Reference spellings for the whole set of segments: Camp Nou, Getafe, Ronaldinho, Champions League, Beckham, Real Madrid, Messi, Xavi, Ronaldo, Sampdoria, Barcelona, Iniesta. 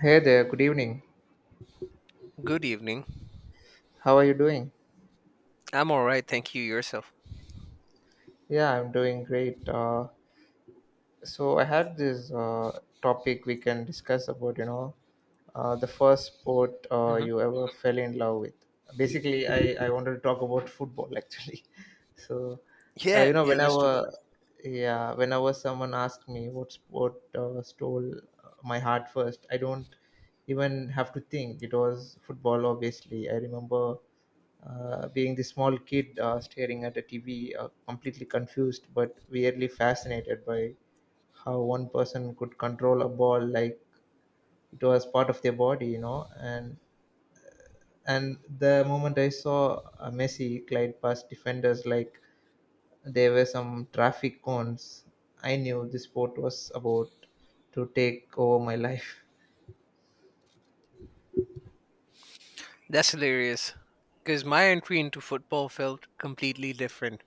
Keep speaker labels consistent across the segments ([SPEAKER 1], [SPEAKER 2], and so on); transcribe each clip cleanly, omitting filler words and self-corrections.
[SPEAKER 1] Hey there, good evening.
[SPEAKER 2] Good evening.
[SPEAKER 1] How are you doing?
[SPEAKER 2] I'm all right. Thank you. Yourself?
[SPEAKER 1] Yeah, I'm doing great. So I had this topic we can discuss about the first sport
[SPEAKER 2] hmm
[SPEAKER 1] you ever fell in love with. Basically I wanted to talk about football actually. so you
[SPEAKER 2] Yeah,
[SPEAKER 1] know
[SPEAKER 2] yeah, let's
[SPEAKER 1] whenever
[SPEAKER 2] do that.
[SPEAKER 1] yeah, whenever someone asks me what sport stole my heart first, I don't even have to think. It was football obviously. I remember being the small kid staring at a TV, completely confused but weirdly fascinated by how one person could control a ball like it was part of their body, you know. And the moment I saw Messi glide past defenders like there were some traffic cones, I knew this sport was about to take over my life.
[SPEAKER 2] That's hilarious. Because my entry into football felt completely different.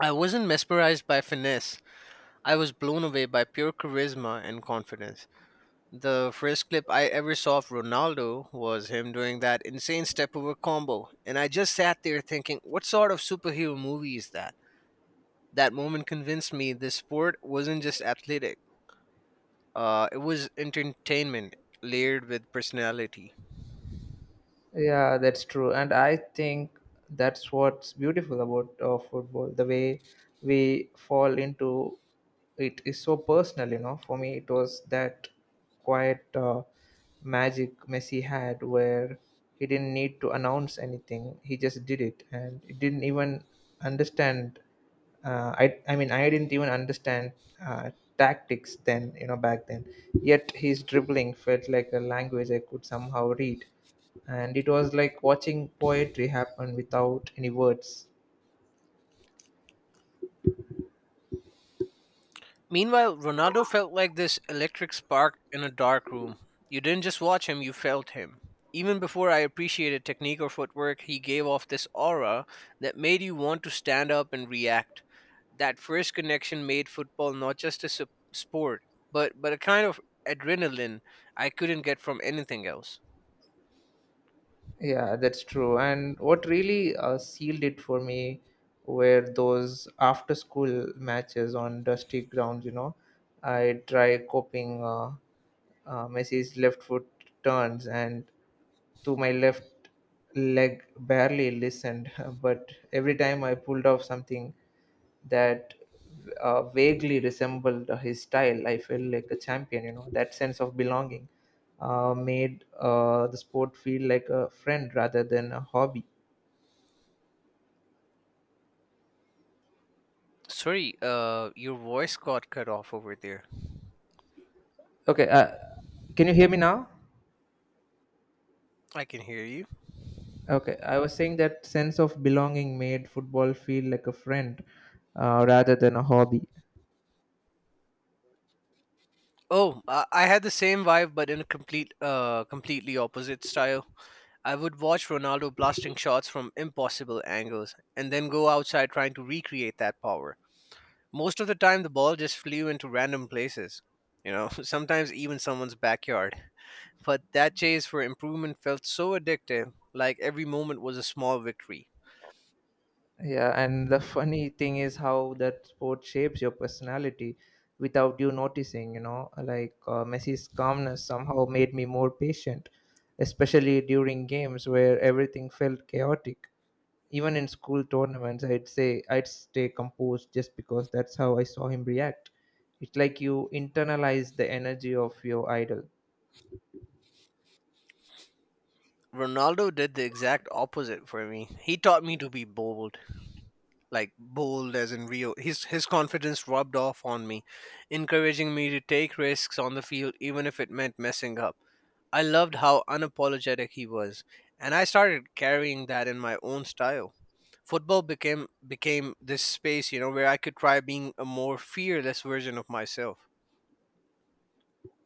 [SPEAKER 2] I wasn't mesmerized by finesse, I was blown away by pure charisma and confidence. The first clip I ever saw of Ronaldo was him doing that insane step over combo, and I just sat there thinking, what sort of superhero movie is that? That moment convinced me this sport wasn't just athletic, it was entertainment layered with personality.
[SPEAKER 1] Yeah, that's true. And I think that's what's beautiful about football. The way we fall into it is so personal, you know. For me, it was that quiet magic Messi had where he didn't need to announce anything, he just did it. And he didn't even understand I didn't even understand uh, tactics then, you know, back then, yet his dribbling felt like a language I could somehow read, and it was like watching poetry happen without any words.
[SPEAKER 2] Meanwhile, Ronaldo felt like this electric spark in a dark room. You didn't just watch him, you felt him. Even before I appreciated technique or footwork, he gave off this aura that made you want to stand up and react. That first connection made football not just a sport, but a kind of adrenaline I couldn't get from anything else.
[SPEAKER 1] Yeah, that's true. And what really sealed it for me were those after school matches on dusty grounds, you know. I try copying messi's left foot turns, and to my left leg barely listened, but every time I pulled off something that vaguely resembled his style, I felt like a champion, you know, that sense of belonging. Made the sport feel like a friend rather than a hobby.
[SPEAKER 2] Sorry, your voice got cut off over there.
[SPEAKER 1] Okay, can you hear me now?
[SPEAKER 2] I can hear you.
[SPEAKER 1] Okay, I was saying that sense of belonging made football feel like a friend rather than a hobby.
[SPEAKER 2] Oh, I had the same vibe, but in a completely opposite style. I would watch Ronaldo blasting shots from impossible angles and then go outside trying to recreate that power. Most of the time, the ball just flew into random places, you know, sometimes even someone's backyard. But that chase for improvement felt so addictive, like every moment was a small victory.
[SPEAKER 1] Yeah, and the funny thing is how that sport shapes your personality without you noticing, you know, like Messi's calmness somehow made me more patient, especially during games where everything felt chaotic. Even in school tournaments, I'd say I'd stay composed just because that's how I saw him react. It's like you internalize the energy of your idol.
[SPEAKER 2] Ronaldo did the exact opposite for me. He taught me to be bold, like bold as in Rio. His confidence rubbed off on me, encouraging me to take risks on the field even if it meant messing up. I loved how unapologetic he was, and I started carrying that in my own style. Football became this space, you know, where I could try being a more fearless version of myself.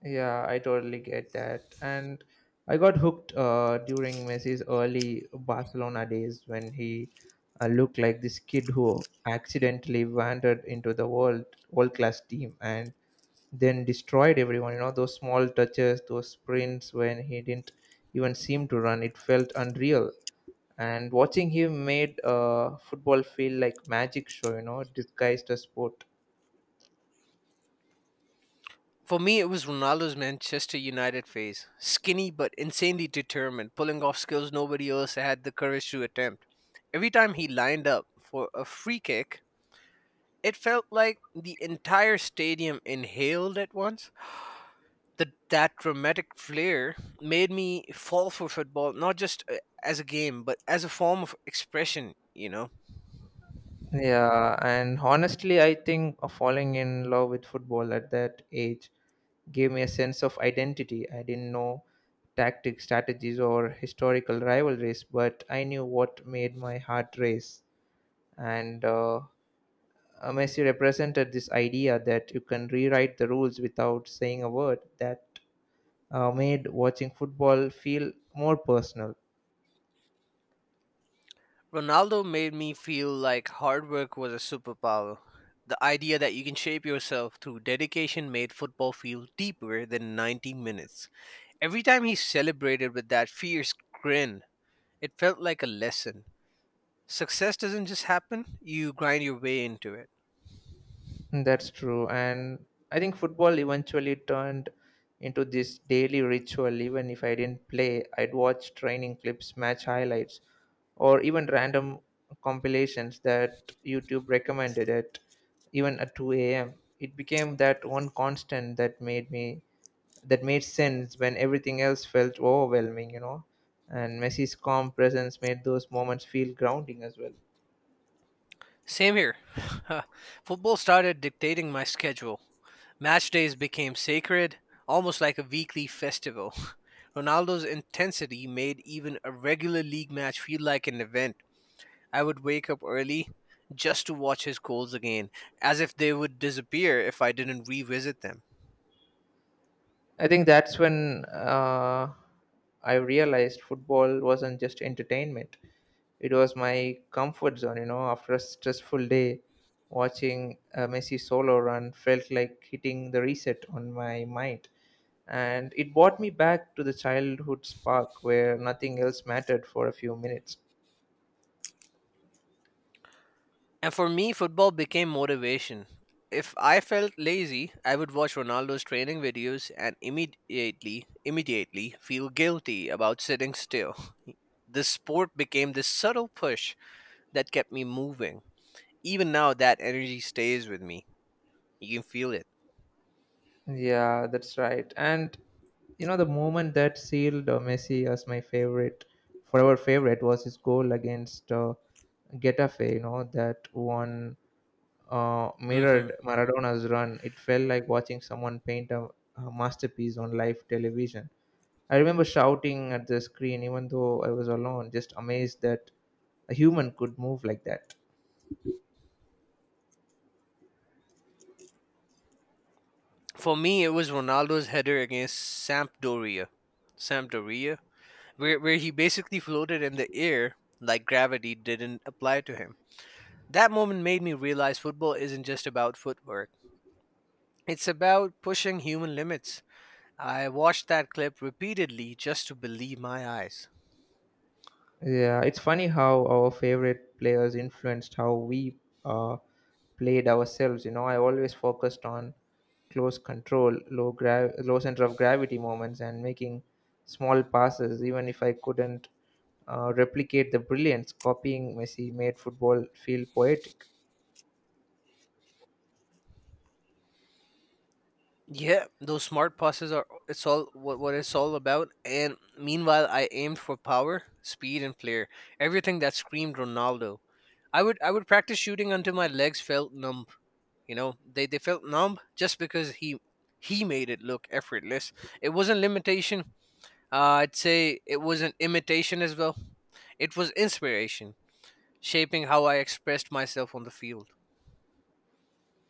[SPEAKER 1] Yeah, I totally get that. And I got hooked during Messi's early Barcelona days when he looked like this kid who accidentally wandered into the world class team and then destroyed everyone. You know, those small touches, those sprints when he didn't even seem to run, it felt unreal. And watching him made football feel like magic show, you know, disguised as sport.
[SPEAKER 2] For me, it was Ronaldo's Manchester United phase. Skinny but insanely determined, pulling off skills nobody else had the courage to attempt. Every time he lined up for a free kick, it felt like the entire stadium inhaled at once. That dramatic flair made me fall for football, not just as a game, but as a form of expression, you know?
[SPEAKER 1] Yeah, and honestly, I think falling in love with football at that age gave me a sense of identity. I didn't know tactics, strategies, or historical rivalries, but I knew what made my heart race. And Messi represented this idea that you can rewrite the rules without saying a word, that made watching football feel more personal.
[SPEAKER 2] Ronaldo made me feel like hard work was a superpower. The idea that you can shape yourself through dedication made football feel deeper than 90 minutes. Every time he celebrated with that fierce grin, it felt like a lesson. Success doesn't just happen, you grind your way into it.
[SPEAKER 1] That's true. And I think football eventually turned into this daily ritual. Even if I didn't play, I'd watch training clips, match highlights, or even random compilations that YouTube recommended at 2 a.m. It became that one constant that made me, that made sense when everything else felt overwhelming, you know. And Messi's calm presence made those moments feel grounding as well.
[SPEAKER 2] Same here. Football started dictating my schedule. Match days became sacred, almost like a weekly festival. Ronaldo's intensity made even a regular league match feel like an event. I would wake up early just to watch his goals again, as if they would disappear if I didn't revisit them.
[SPEAKER 1] I think that's when I realized football wasn't just entertainment. It was my comfort zone, you know. After a stressful day, watching a Messi solo run felt like hitting the reset on my mind. And it brought me back to the childhood spark where nothing else mattered for a few minutes.
[SPEAKER 2] And for me, football became motivation. If I felt lazy, I would watch Ronaldo's training videos and immediately feel guilty about sitting still. The sport became this subtle push that kept me moving. Even now, that energy stays with me. You can feel it.
[SPEAKER 1] Yeah, that's right. And you know, the moment that sealed Messi as my favorite, forever favorite, was his goal against Getafe. You know, that one
[SPEAKER 2] hmm
[SPEAKER 1] mirrored Maradona's run. It felt like watching someone paint a masterpiece on live television. I remember shouting at the screen, even though I was alone, just amazed that a human could move like that.
[SPEAKER 2] For me, it was Ronaldo's header against Sampdoria. Sampdoria? Where he basically floated in the air like gravity didn't apply to him. That moment made me realize football isn't just about footwork, it's about pushing human limits. I watched that clip repeatedly just to believe my eyes.
[SPEAKER 1] Yeah, it's funny how our favorite players influenced how we uh, played ourselves. You know, I always focused on close control, low center of gravity moments, and making small passes, even if I couldn't replicate the brilliance. Copying Messi made football feel poetic.
[SPEAKER 2] Yeah, those smart passes are it's all what it's all about. And meanwhile, I aimed for power, speed, and flair. Everything that screamed Ronaldo. I would practice shooting until my legs felt numb. You know, they felt numb just because he made it look effortless. It wasn't limitation. I'd say it wasn't imitation as well. It was inspiration, shaping how I expressed myself on the field.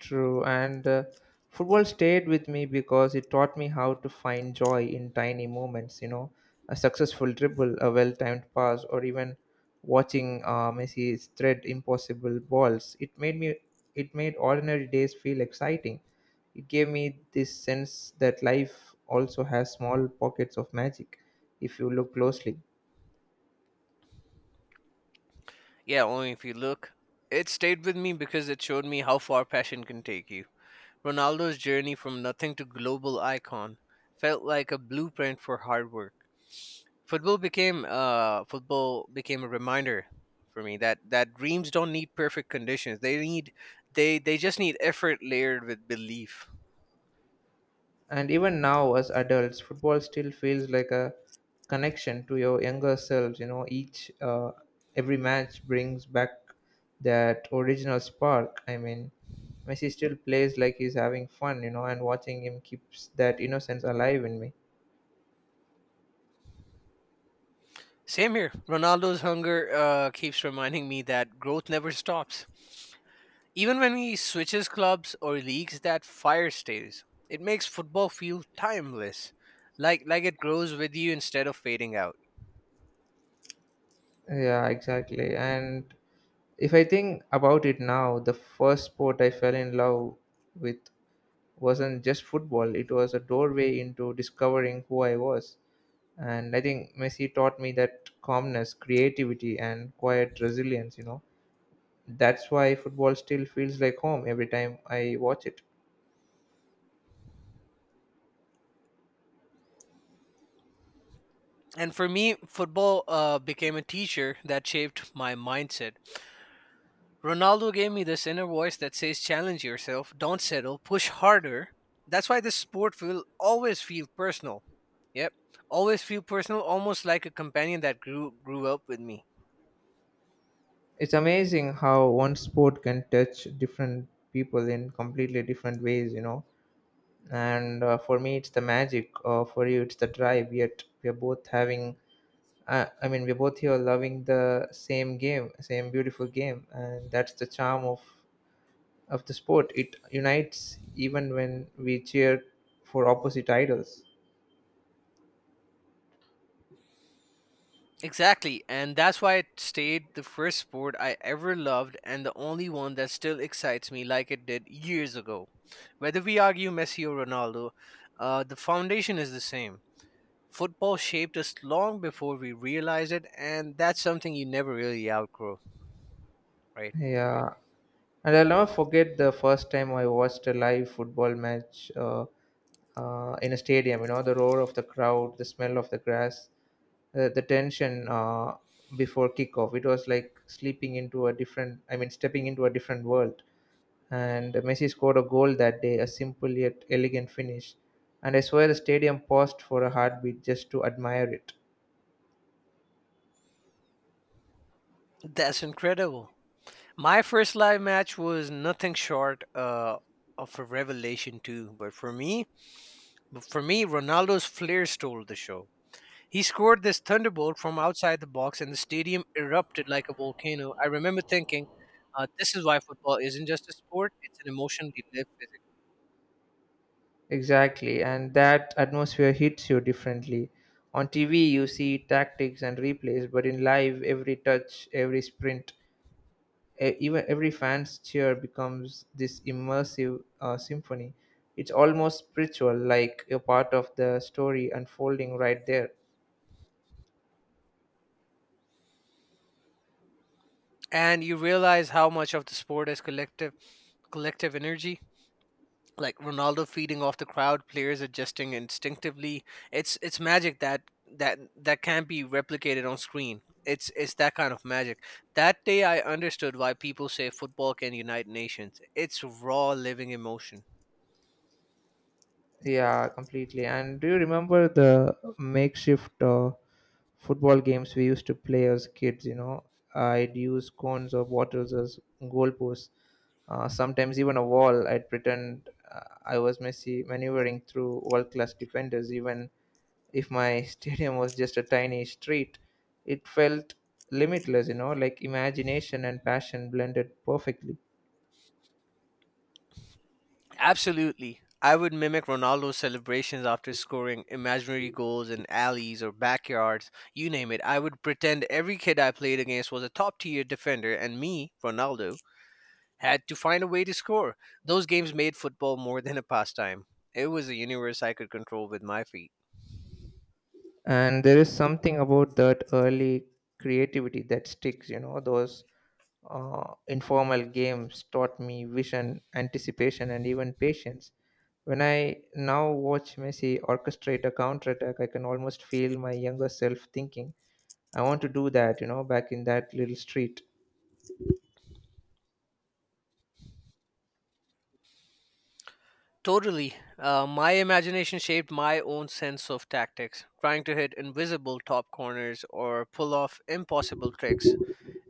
[SPEAKER 1] True, and football stayed with me because it taught me how to find joy in tiny moments. You know, a successful dribble, a well-timed pass, or even watching Messi thread impossible balls. It made ordinary days feel exciting. It gave me this sense that life also has small pockets of magic, if you look closely.
[SPEAKER 2] Yeah, only if you look. It stayed with me because it showed me how far passion can take you. Ronaldo's journey from nothing to global icon felt like a blueprint for hard work. Football became a reminder for me that dreams don't need perfect conditions. They need they just need effort layered with belief.
[SPEAKER 1] And even now, as adults, football still feels like a connection to your younger selves. You know, each every match brings back that original spark. I mean, Messi still plays like he's having fun. You know, and watching him keeps that innocence alive in me.
[SPEAKER 2] Same here. Ronaldo's hunger keeps reminding me that growth never stops. Even when he switches clubs or leagues, that fire stays. It makes football feel timeless, like it grows with you instead of fading out.
[SPEAKER 1] Yeah, exactly. And if I think about it now, the first sport I fell in love with wasn't just football, it was a doorway into discovering who I was. And I think messi taught me that calmness, creativity, and quiet resilience, you know. That's why football still feels like home every time I watch it.
[SPEAKER 2] And for me, football became a teacher that shaped my mindset. Ronaldo gave me this inner voice that says, challenge yourself, don't settle, push harder. That's why this sport will always feel personal. Yep, always feel personal, almost like a companion that grew up with me.
[SPEAKER 1] It's amazing how one sport can touch different people in completely different ways, you know. And for me it's the magic, for you it's the drive, yet we are both having we're both here loving the same game, same beautiful game, and that's the charm of the sport. It unites even when we cheer for opposite idols.
[SPEAKER 2] Exactly, and that's why it stayed the first sport I ever loved and the only one that still excites me like it did years ago. Whether we argue Messi or Ronaldo, the foundation is the same. Football shaped us long before we realized it, and that's something you never really outgrow, right?
[SPEAKER 1] Yeah, and I'll never forget the first time I watched a live football match in a stadium. You know, the roar of the crowd, the smell of the grass, the tension before kickoff. It was like sleeping into a different, I mean, stepping into a different world. And Messi scored a goal that day, a simple yet elegant finish. And I swear the stadium paused for a heartbeat just to admire it.
[SPEAKER 2] That's incredible. My first live match was nothing short of a revelation too, but for me, Ronaldo's flair stole the show. He scored this thunderbolt from outside the box, and the stadium erupted like a volcano. I remember thinking, "This is why football isn't just a sport; it's an emotion we live with."
[SPEAKER 1] Exactly, and that atmosphere hits you differently. On TV, you see tactics and replays, but in live, every touch, every sprint, even every fan's cheer becomes this immersive symphony. It's almost spiritual, like a part of the story unfolding right there.
[SPEAKER 2] And you realize how much of the sport is collective energy like Ronaldo feeding off the crowd, players adjusting instinctively. It's magic that can't be replicated on screen. It's that kind of magic. That day I understood why people say football can unite nations. It's raw living emotion.
[SPEAKER 1] Yeah, completely. And do you remember the makeshift football games we used to play as kids? You know, I'd use cones or bottles as goalposts, sometimes even a wall. I'd pretend I was Messi maneuvering through world class defenders, even if my stadium was just a tiny street. It felt limitless, you know, like imagination and passion blended perfectly.
[SPEAKER 2] Absolutely. I would mimic Ronaldo's celebrations after scoring imaginary goals in alleys or backyards, you name it. I would pretend every kid I played against was a top tier defender and me, Ronaldo, had to find a way to score. Those games made football more than a pastime. It was a universe I could control with my feet.
[SPEAKER 1] And there is something about that early creativity that sticks, you know, those informal games taught me vision, anticipation, and even patience. When I now watch Messi orchestrate a counterattack, I can almost feel my younger self thinking, I want to do that, you know, back in that little street.
[SPEAKER 2] Totally. My imagination shaped my own sense of tactics, trying to hit invisible top corners or pull off impossible tricks.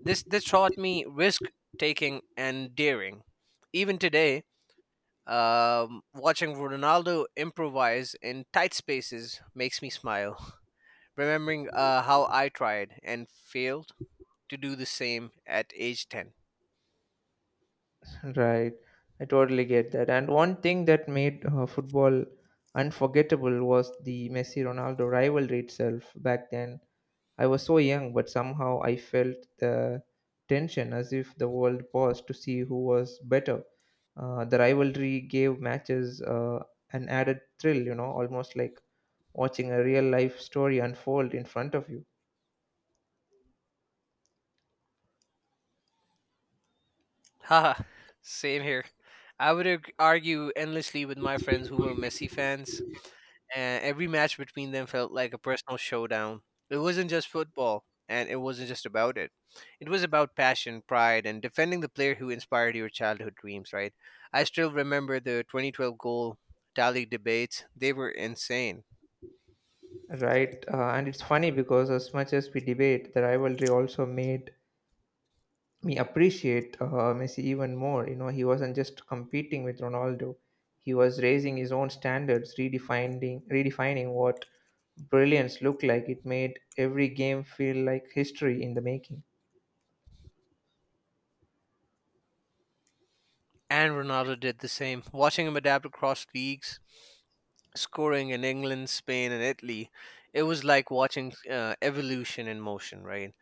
[SPEAKER 2] This taught me risk taking and daring. Even today, watching Ronaldo improvise in tight spaces makes me smile. Remembering how I tried and failed to do the same at age 10.
[SPEAKER 1] Right. I totally get that. And one thing that made football unforgettable was the Messi Ronaldo rivalry itself back then. I was so young, but somehow I felt the tension as if the world paused to see who was better. The rivalry gave matches an added thrill, you know, almost like watching a real life story unfold in front of you.
[SPEAKER 2] Haha, same here. I would argue endlessly with my friends who were Messi fans, and every match between them felt like a personal showdown. It wasn't just football, and it wasn't just about it. It was about passion, pride, and defending the player who inspired your childhood dreams, right? I still remember the 2012 goal tally debates, they were insane.
[SPEAKER 1] Right, and it's funny because as much as we debate, the rivalry also made me appreciate Messi even more. You know, he wasn't just competing with Ronaldo; he was raising his own standards, redefining what brilliance looked like. It made every game feel like history in the making.
[SPEAKER 2] And Ronaldo did the same. Watching him adapt across leagues, scoring in England, Spain, and Italy, it was like watching evolution in motion, right?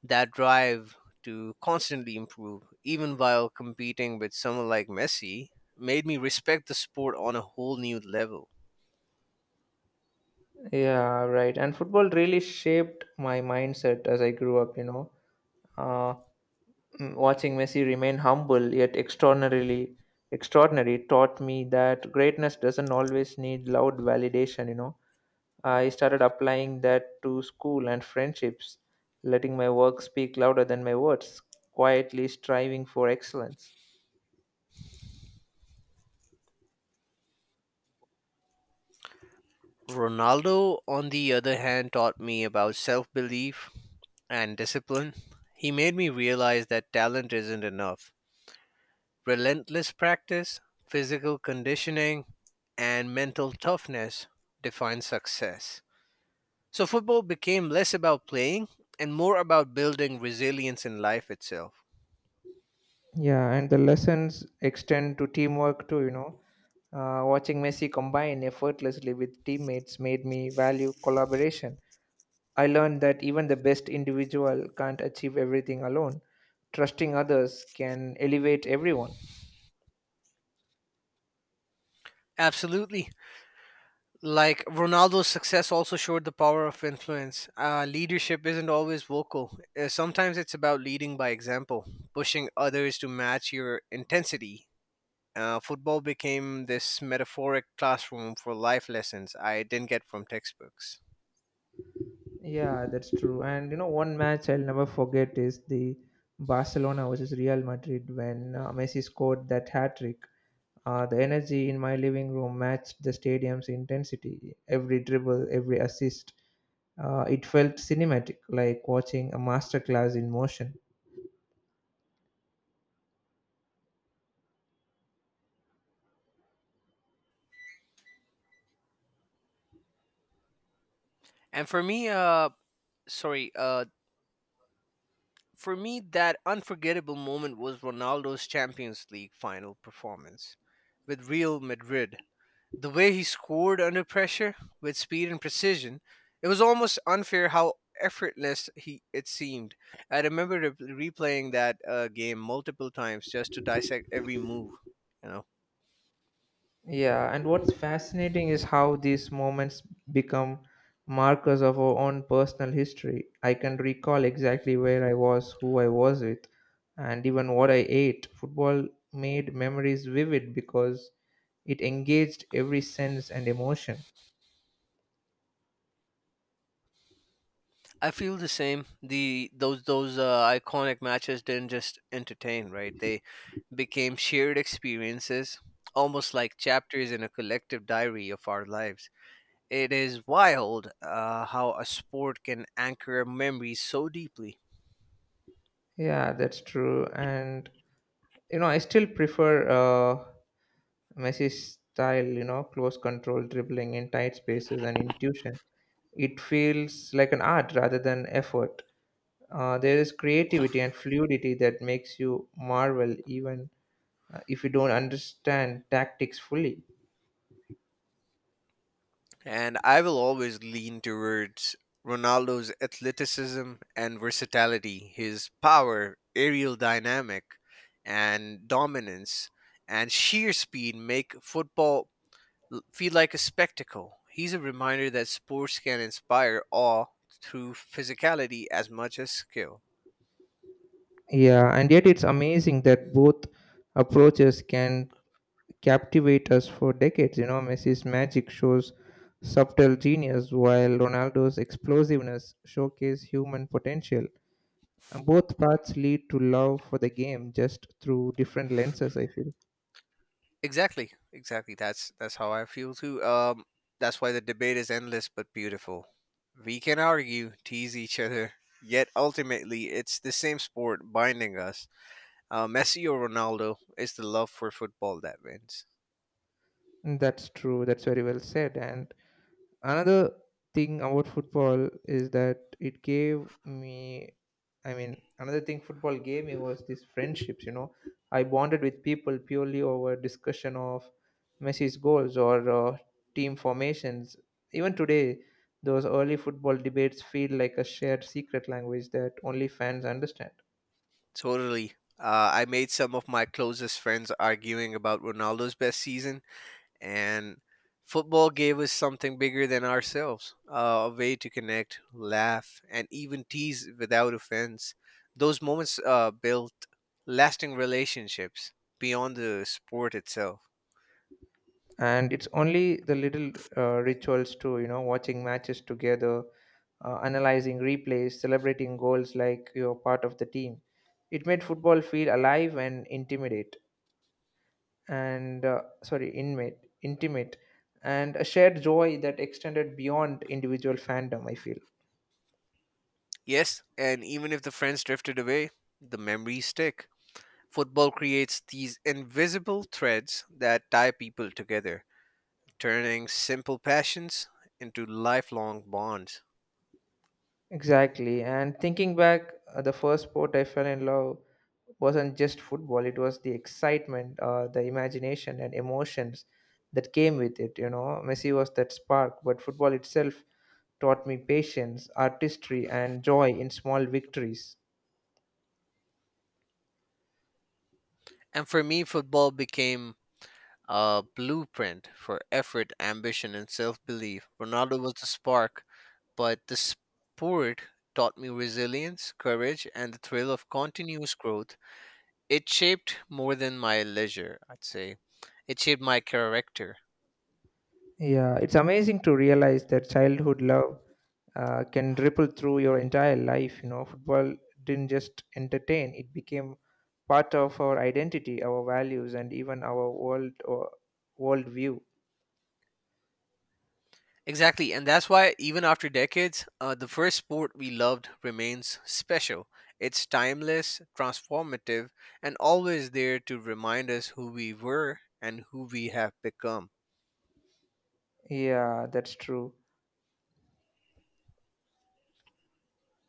[SPEAKER 2] That drive to constantly improve, even while competing with someone like Messi, made me respect the sport on a whole new level.
[SPEAKER 1] Yeah, right. And football really shaped my mindset as I grew up. You know, uh, watching Messi remain humble yet extraordinarily extraordinary taught me that greatness doesn't always need loud validation. You know, I started applying that to school and friendships, letting my work speak louder than my words, quietly striving for excellence.
[SPEAKER 2] Ronaldo, on the other hand, taught me about self belief and discipline. He made me realize that talent isn't enough. Relentless practice, physical conditioning, and mental toughness define success. So football became less about playing and more about building resilience in life itself.
[SPEAKER 1] Yeah, and the lessons extend to teamwork too, you know. Watching Messi combine effortlessly with teammates made me value collaboration. I learned that even the best individual can't achieve everything alone. Trusting others can elevate everyone.
[SPEAKER 2] Absolutely. Like Ronaldo's success also showed the power of influence. Leadership isn't always vocal. Sometimes it's about leading by example, pushing others to match your intensity. Football became this metaphoric classroom for life lessons I didn't get from textbooks.
[SPEAKER 1] Yeah, that's true. And you know, one match I'll never forget is the Barcelona versus Real Madrid when Messi scored that hat trick. The energy in my living room matched the stadium's intensity. Every dribble, every assist, it felt cinematic, like watching a masterclass in motion.
[SPEAKER 2] And for me, sorry, For me, that unforgettable moment was Ronaldo's Champions League final performance with Real Madrid. The way he scored under pressure with speed and precision, it was almost unfair how effortless he it seemed. I remember replaying that game multiple times just to dissect every move. You know.
[SPEAKER 1] Yeah, and what's fascinating is how these moments become markers of our own personal history. I can recall exactly where I was, who I was with, and even what I ate. Football made memories vivid because it engaged every sense and emotion.
[SPEAKER 2] I feel the same. The those iconic matches didn't just entertain, right? They became shared experiences, almost like chapters in a collective diary of our lives. It is wild how a sport can anchor memories so deeply.
[SPEAKER 1] Yeah, that's true. And you know, I still prefer Messi's style. You know, close control, dribbling in tight spaces, and intuition. It feels like an art rather than effort. There is creativity and fluidity that makes you marvel even if you don't understand tactics fully.
[SPEAKER 2] And I will always lean towards Ronaldo's athleticism and versatility, his power, aerial dynamic, and dominance and sheer speed make football feel like a spectacle. He's a reminder that sports can inspire awe through physicality as much as skill.
[SPEAKER 1] Yeah, and yet it's amazing that both approaches can captivate us for decades. You know, Messi's magic shows subtle genius, while Ronaldo's explosiveness showcase human potential. And both paths lead to love for the game just through different lenses, I feel.
[SPEAKER 2] Exactly. That's how I feel too. That's why the debate is endless but beautiful. We can argue, tease each other, yet ultimately it's the same sport binding us. Messi or Ronaldo, it's the love for football that wins.
[SPEAKER 1] That's true. That's very well said. And another thing about football is that it gave me I mean another thing football gave me was these friendships, you know. I bonded with people purely over discussion of Messi's goals or team formations. Even today, those early football debates feel like a shared secret language that only fans understand.
[SPEAKER 2] Totally. I made some of my closest friends arguing about Ronaldo's best season, and football gave us something bigger than ourselves, a way to connect, laugh and even tease without offense. Those moments built lasting relationships beyond the sport itself.
[SPEAKER 1] And it's only the little rituals too, you know, watching matches together, analyzing replays, celebrating goals like you're part of the team. It made football feel alive and intimate, and sorry, inmate, intimate, and a shared joy that extended beyond individual fandom, I feel.
[SPEAKER 2] Yes, and even if the friends drifted away, the memories stick. Football creates these invisible threads that tie people together, turning simple passions into lifelong bonds.
[SPEAKER 1] Exactly. And thinking back, the first sport I fell in love wasn't just football; it was the excitement, the imagination, and emotions that came with it. You know, Messi was that spark, but football itself taught me patience, artistry, and joy in small victories.
[SPEAKER 2] And for me, football became a blueprint for effort, ambition, and self belief. Ronaldo was the spark, but the sport taught me resilience, courage, and the thrill of continuous growth. It shaped more than my leisure, I'd say. It shaped my character.
[SPEAKER 1] Yeah, it's amazing to realize that childhood love can ripple through your entire life. You know, football didn't just entertain, it became part of our identity, our values, and even our world or world view.
[SPEAKER 2] Exactly, and that's why even after decades, the first sport we loved remains special. It's timeless, transformative, and always there to remind us who we were and who we have become.
[SPEAKER 1] Yeah, that's true.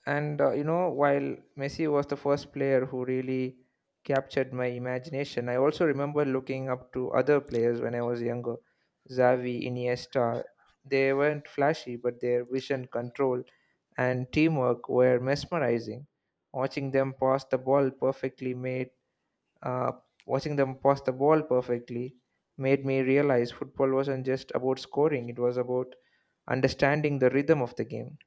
[SPEAKER 1] And you know, while Messi was the first player who really captured my imagination, I also remember looking up to other players when I was younger. Xavi, Iniesta, they weren't flashy, but their vision, control, and teamwork were mesmerizing. Watching them pass the ball perfectly made uh, Watching them pass the ball perfectly made me realize football wasn't just about scoring; it was about understanding the rhythm of the game.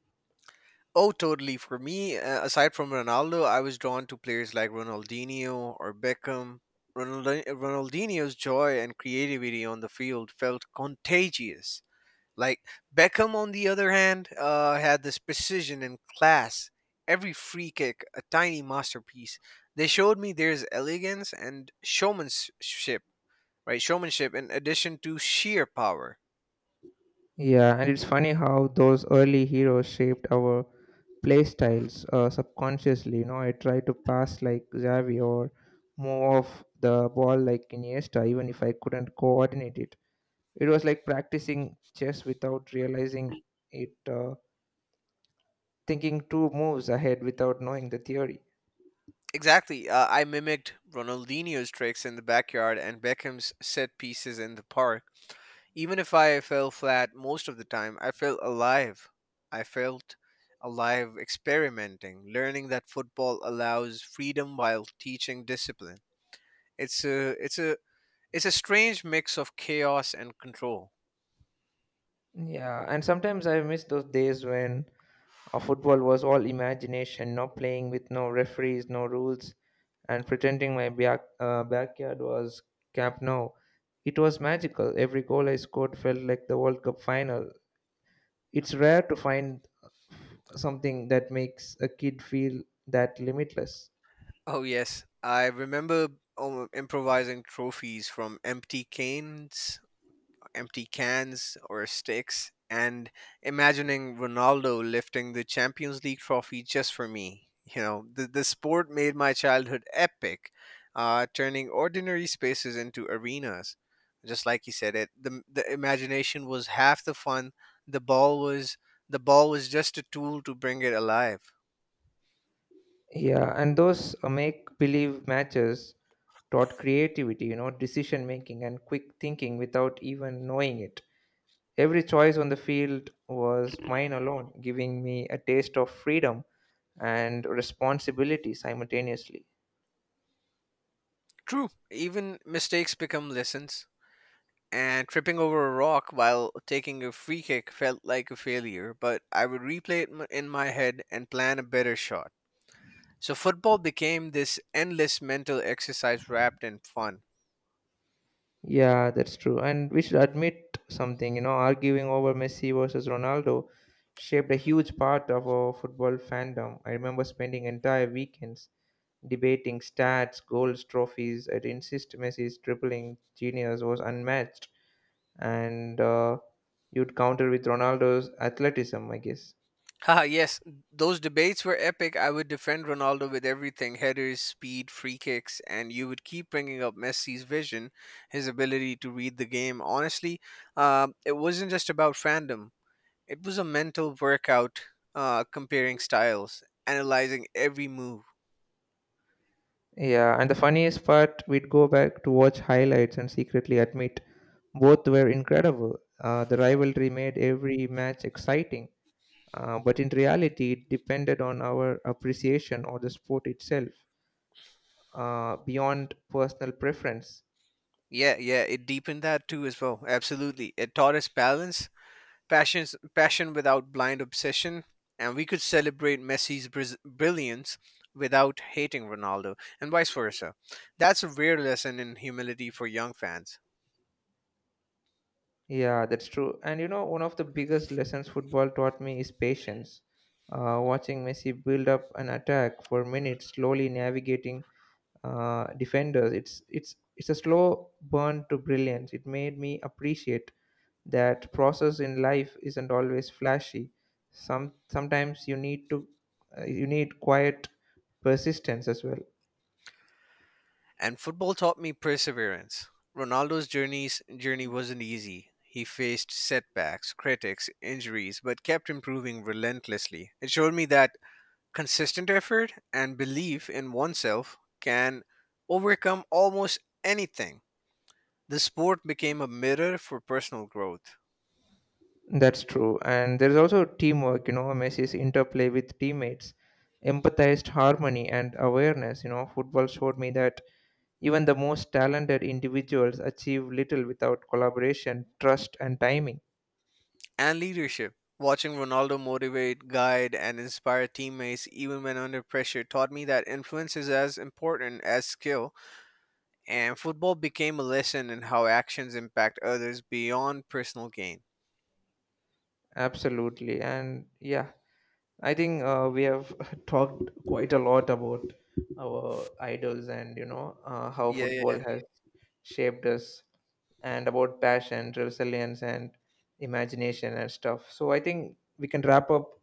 [SPEAKER 2] Oh, totally. For me, aside from Ronaldo, I was drawn to players like Ronaldinho or Beckham. Ronaldinho's joy and creativity on the field felt contagious. Like Beckham, on the other hand, had this precision and class. Every free kick, a tiny masterpiece. They showed me there's elegance and showmanship, right? Showmanship in addition to sheer power.
[SPEAKER 1] Yeah, and it's funny how those early heroes shaped our playstyles subconsciously. You know, I try to pass like Xavi or move off the ball like Iniesta, even if I couldn't coordinate it. It was like practicing chess without realizing it, thinking two moves ahead without knowing the theory.
[SPEAKER 2] Exactly. I mimicked Ronaldinho's tricks in the backyard and Beckham's set pieces in the park. Even if I fell flat most of the time, I felt alive. I felt alive experimenting, learning that football allows freedom while teaching discipline. It's a it's a it's a strange mix of chaos and control.
[SPEAKER 1] Yeah, and sometimes I miss those days when football was all imagination, no playing with no referees, no rules, and pretending my backyard was Camp Nou. It was magical. Every goal I scored felt like the World Cup final. It's rare to find something that makes a kid feel that limitless.
[SPEAKER 2] Oh yes, I remember improvising trophies from empty cans or sticks, and imagining Ronaldo lifting the Champions League trophy just for me. You know, the sport made my childhood epic, turning ordinary spaces into arenas. Just like he said it, the imagination was half the fun. The ball was the ball was just a tool to bring it alive.
[SPEAKER 1] Yeah, and those make believe matches taught creativity, you know, decision making and quick thinking without even knowing it. Every choice on the field was mine alone, giving me a taste of freedom and responsibility simultaneously.
[SPEAKER 2] True, even mistakes become lessons. And tripping over a rock while taking a free kick felt like a failure, but I would replay it in my head and plan a better shot. So football became this endless mental exercise wrapped in fun.
[SPEAKER 1] Yeah, that's true. And we should admit something, you know, arguing over Messi versus Ronaldo shaped a huge part of our football fandom. I remember spending entire weekends debating stats, goals, trophies. I'd insist Messi's dribbling genius was unmatched, and you'd counter with Ronaldo's athleticism, I guess.
[SPEAKER 2] Haha, yes, those debates were epic. I would defend Ronaldo with everything, headers, speed, free kicks, and you would keep bringing up Messi's vision, his ability to read the game. Honestly, it wasn't just about fandom, it was a mental workout, comparing styles, analyzing every move.
[SPEAKER 1] Yeah, and the funniest part, we'd go back to watch highlights and secretly admit both were incredible. The rivalry made every match exciting, but in reality, it depended on our appreciation or the sport itself, beyond personal preference.
[SPEAKER 2] Yeah, it deepened that too as well. Absolutely. It taught us balance, passion without blind obsession, and we could celebrate Messi's brilliance without hating Ronaldo and vice versa. That's a rare lesson in humility for young fans.
[SPEAKER 1] Yeah, that's true. And you know, one of the biggest lessons football taught me is patience. Watching Messi build up an attack for minutes, slowly navigating defenders. It's a slow burn to brilliance. It made me appreciate that process in life isn't always flashy. Sometimes you need to you need quiet persistence as well.
[SPEAKER 2] And football taught me perseverance. Ronaldo's journey wasn't easy. He faced setbacks, critics, injuries, but kept improving relentlessly. It showed me that consistent effort and belief in oneself can overcome almost anything. The sport became a mirror for personal growth
[SPEAKER 1] That's true, and there's also teamwork. You know, Messi's interplay with teammates, empathized harmony and awareness. You know, football showed me that even the most talented individuals achieve little without collaboration, trust, and timing.
[SPEAKER 2] and leadership. Watching Ronaldo motivate, guide, and inspire teammates even when under pressure taught me that influence is as important as skill, and football became a lesson in how actions impact others beyond personal gain.
[SPEAKER 1] Absolutely. And yeah, I think we have talked quite a lot about our idols and, you know, how
[SPEAKER 2] Yeah,
[SPEAKER 1] football
[SPEAKER 2] yeah,
[SPEAKER 1] has shaped us and about passion, resilience, and imagination and stuff. So I think we can wrap up